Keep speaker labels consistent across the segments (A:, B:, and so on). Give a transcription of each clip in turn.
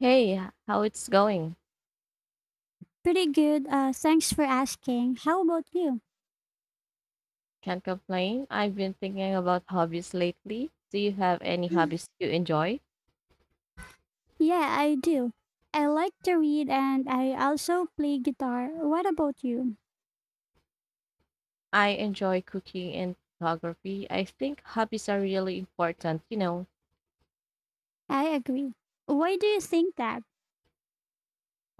A: Hey, how it's going?
B: Pretty good. Thanks for asking. How about you?
A: Can't complain. I've been thinking about hobbies lately. Do you have any hobbies you enjoy?
B: Yeah, I do. I like to read and I also play guitar. What about you?
A: I enjoy cooking and photography. I think hobbies are really important,
B: I agree. Why do you think that?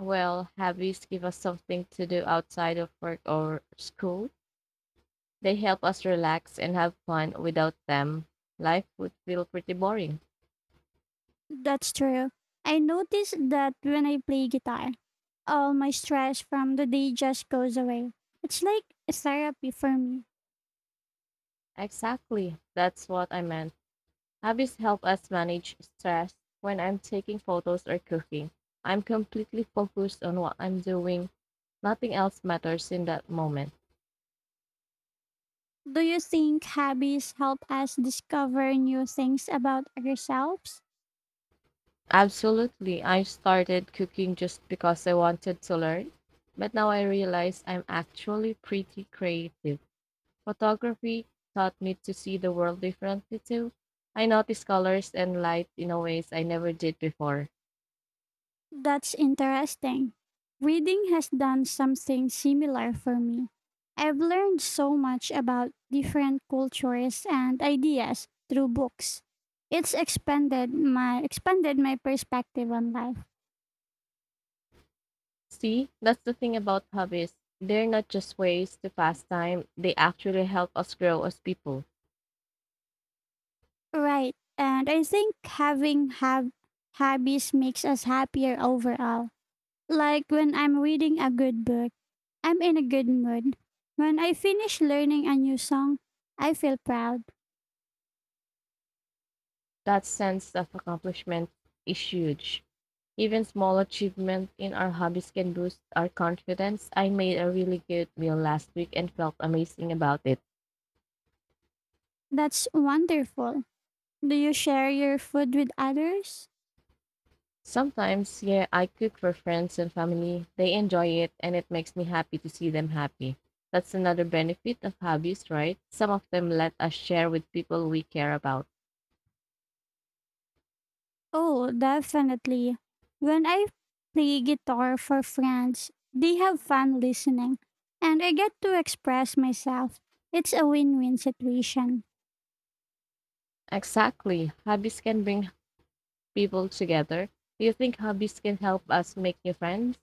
A: Well, hobbies give us something to do outside of work or school. They help us relax and have fun. Without them, life would feel pretty boring.
B: That's true. I notice that when I play guitar, all my stress from the day just goes away. It's like therapy for me.
A: Exactly. That's what I meant. Hobbies help us manage stress. When I'm taking photos or cooking, I'm completely focused on what I'm doing. Nothing else matters in that moment.
B: Do you think hobbies help us discover new things about ourselves?
A: Absolutely. I started cooking just because I wanted to learn, but now I realize I'm actually pretty creative. Photography taught me to see the world differently too. I notice colors and light in a ways I never did before.
B: That's interesting. Reading has done something similar for me. I've learned so much about different cultures and ideas through books. It's expanded my perspective on life.
A: See, that's the thing about hobbies. They're not just ways to pass time, they actually help us grow as people.
B: Right. And I think having have hobbies makes us happier overall. Like when I'm reading a good book, I'm in a good mood. When I finish learning a new song, I feel proud.
A: That sense of accomplishment is huge. Even small achievement in our hobbies can boost our confidence. I made a really good meal last week and felt amazing about it.
B: That's wonderful. Do you share your food with others?
A: Sometimes, yeah, I cook for friends and family. They enjoy it and it makes me happy to see them happy. That's another benefit of hobbies, right? Some of them let us share with people we care about.
B: Oh, definitely. When I play guitar for friends, they have fun listening, and I get to express myself. It's a win win situation.
A: Exactly. Hobbies can bring people together. Do you think hobbies can help us make new friends?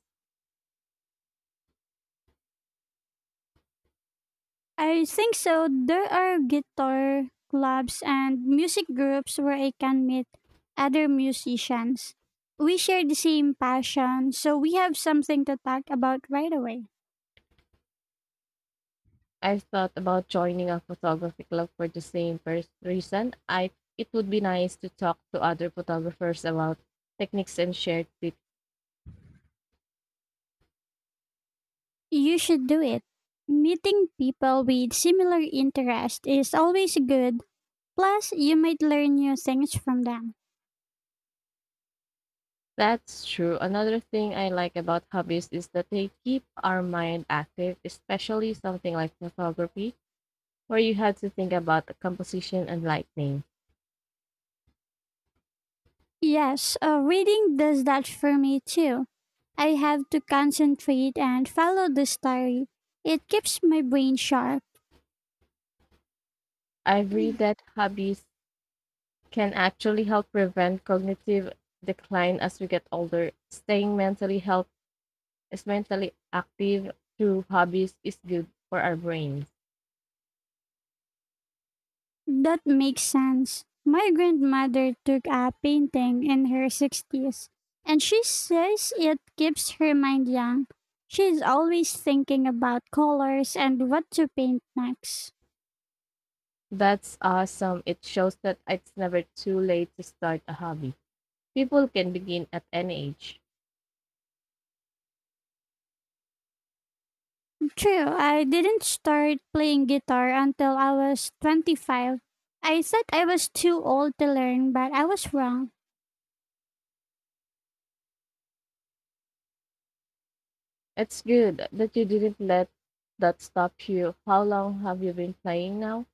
B: I think so. There are guitar clubs and music groups where I can meet other musicians. We share the same passion, so we have something to talk about right away.
A: I've thought about joining a photography club for the same reason. I it would be nice to talk to other photographers about techniques and share tips.
B: You should do it. Meeting people with similar interests is always good. Plus, you might learn new things from them.
A: That's true. Another thing I like about hobbies is that they keep our mind active, especially something like photography, where you had to think about the composition and lighting.
B: Yes, reading does that for me too. I have to concentrate and follow the story. It keeps my brain sharp.
A: I've read that hobbies can actually help prevent cognitive decline as we get older. Staying mentally health is mentally active through hobbies is good for our brains.
B: That makes sense. My grandmother took up painting in her 60s, and she says it keeps her mind young. She's always thinking about colors and what to paint next.
A: That's awesome. It shows that it's never too late to start a hobby. People can begin at any age.
B: True, I didn't start playing guitar until I was 25. I said I was too old to learn, but I was wrong.
A: It's good that you didn't let that stop you. How long have you been playing now?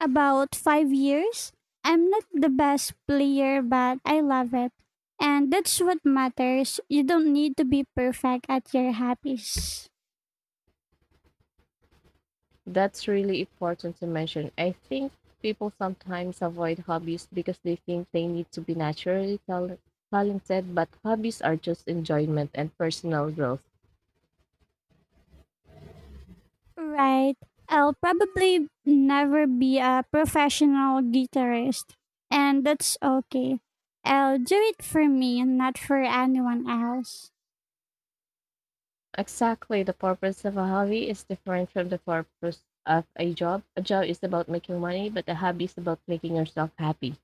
B: About 5 years? I'm not the best player, but I love it. And that's what matters. You don't need to be perfect at your hobbies.
A: That's really important to mention. I think people sometimes avoid hobbies because they think they need to be naturally talented, but hobbies are just enjoyment and personal growth.
B: Right. I'll probably never be a professional guitarist, and that's okay. I'll do it for me, not for anyone else.
A: Exactly. The purpose of a hobby is different from the purpose of a job. A job is about making money, but a hobby is about making yourself happy.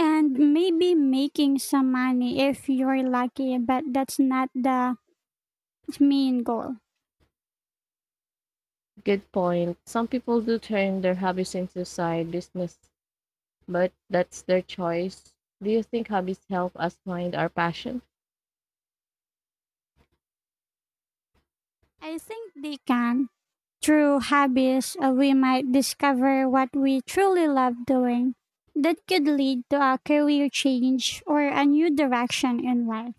B: And maybe making some money if you're lucky, but that's not the main goal.
A: Good point. Some people do turn their hobbies into side business, but that's their choice. Do you think hobbies help us find our passion?
B: I think they can. Through hobbies, we might discover what we truly love doing. That could lead to a career change or a new direction in life.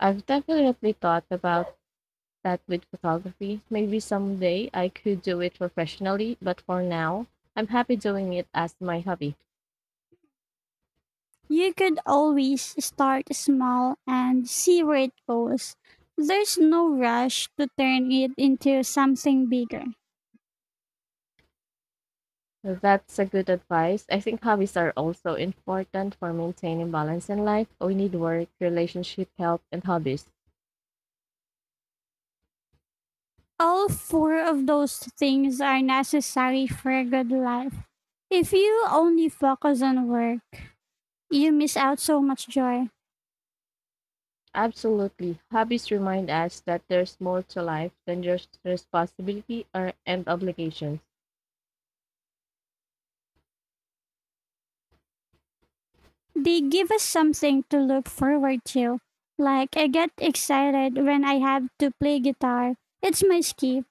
A: I've definitely thought about that with photography. Maybe someday I could do it professionally, but for now, I'm happy doing it as my hobby.
B: You could always start small and see where it goes. There's no rush to turn it into something bigger.
A: That's a good advice. I think hobbies are also important for maintaining balance in life. We need work, relationship, health, and hobbies.
B: All four of those things are necessary for a good life. If you only focus on work, you miss out so much joy.
A: Absolutely. Hobbies remind us that there's more to life than just responsibility or, and obligations.
B: They give us something to look forward to. Like, I get excited when I have to play guitar. It's my skip,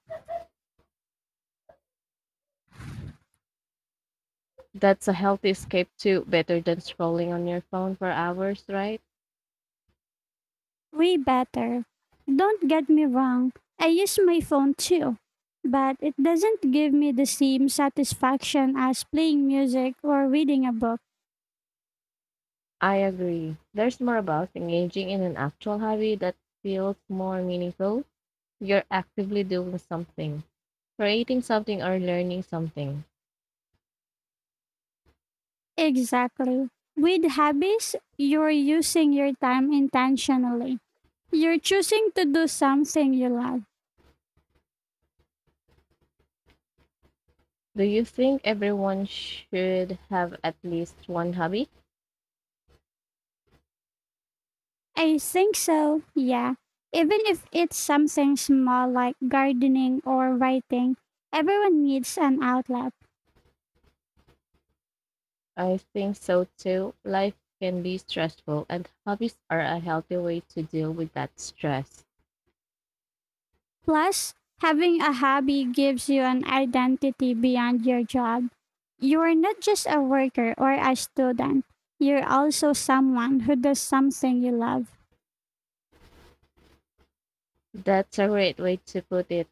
A: That's a healthy escape too, better than scrolling on your phone for hours, right?
B: way better. Don't get me wrong, I use my phone too. But it doesn't give me the same satisfaction as playing music or reading a book.
A: I agree. There's more about engaging in an actual hobby that feels more meaningful. You're actively doing something, creating something, or learning something.
B: Exactly. With hobbies, you're using your time intentionally. You're choosing to do something you love.
A: Do you think everyone should have at least one hobby?
B: I think so, yeah. Even if it's something small like gardening or writing, everyone needs an outlet.
A: I think so too. Life can be stressful, and hobbies are a healthy way to deal with that stress.
B: Plus, having a hobby gives you an identity beyond your job. You're not just a worker or a student, you're also someone who does something you love.
A: That's a great way to put it.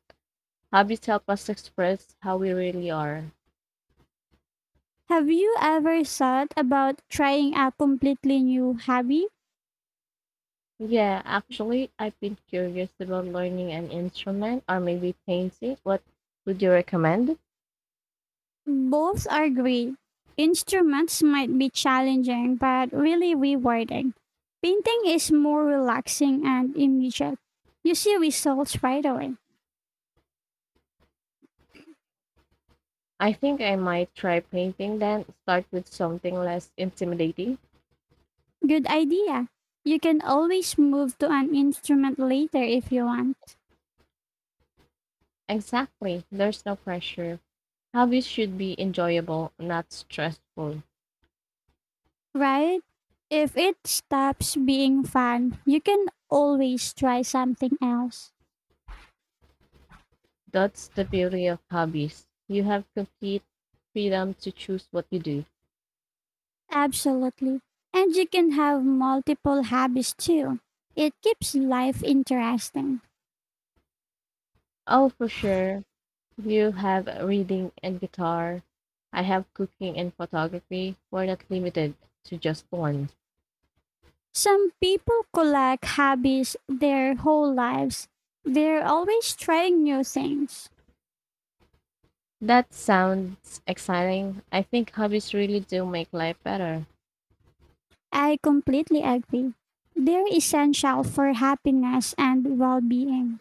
A: Hobbies help us express how we really are.
B: Have you ever thought about trying a completely new hobby?
A: Yeah, actually, I've been curious about learning an instrument or maybe painting. What would you recommend?
B: Both are great. Instruments might be challenging but really rewarding. Painting is more relaxing and immediate. You see results right away.
A: I think I might try painting then, start with something less intimidating.
B: Good idea. You can always move to an instrument later if you want,
A: Exactly, there's no pressure. Hobbies should be enjoyable, not stressful.
B: right? If it stops being fun, you can always try something else.
A: That's the beauty of hobbies. You have complete freedom to choose what you do.
B: Absolutely. And you can have multiple hobbies too. It keeps life interesting.
A: Oh, for sure. You have reading and guitar. I have cooking and photography. We're not limited to just one.
B: Some people collect hobbies their whole lives. They're always trying new things.
A: That sounds exciting. I think hobbies really do make life better.
B: I completely agree. They're essential for happiness and well being.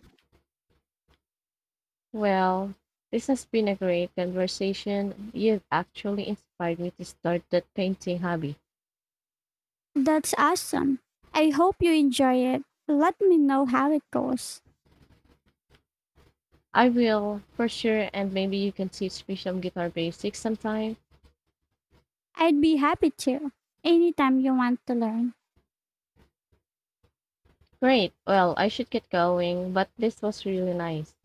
A: Well, this has been a great conversation. You've actually inspired me to start that painting hobby.
B: That's awesome. I hope you enjoy it. Let me know how it goes.
A: I will, for sure, and maybe you can teach me some guitar basics sometime.
B: I'd be happy to. Anytime you want to learn.
A: Great. Well, I should get going, but this was really nice.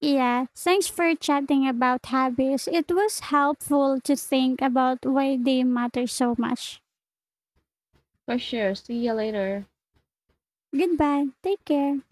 B: Yeah, thanks for chatting about hobbies. It was helpful to think about why they matter so much.
A: For sure. See you later.
B: Goodbye. Take care.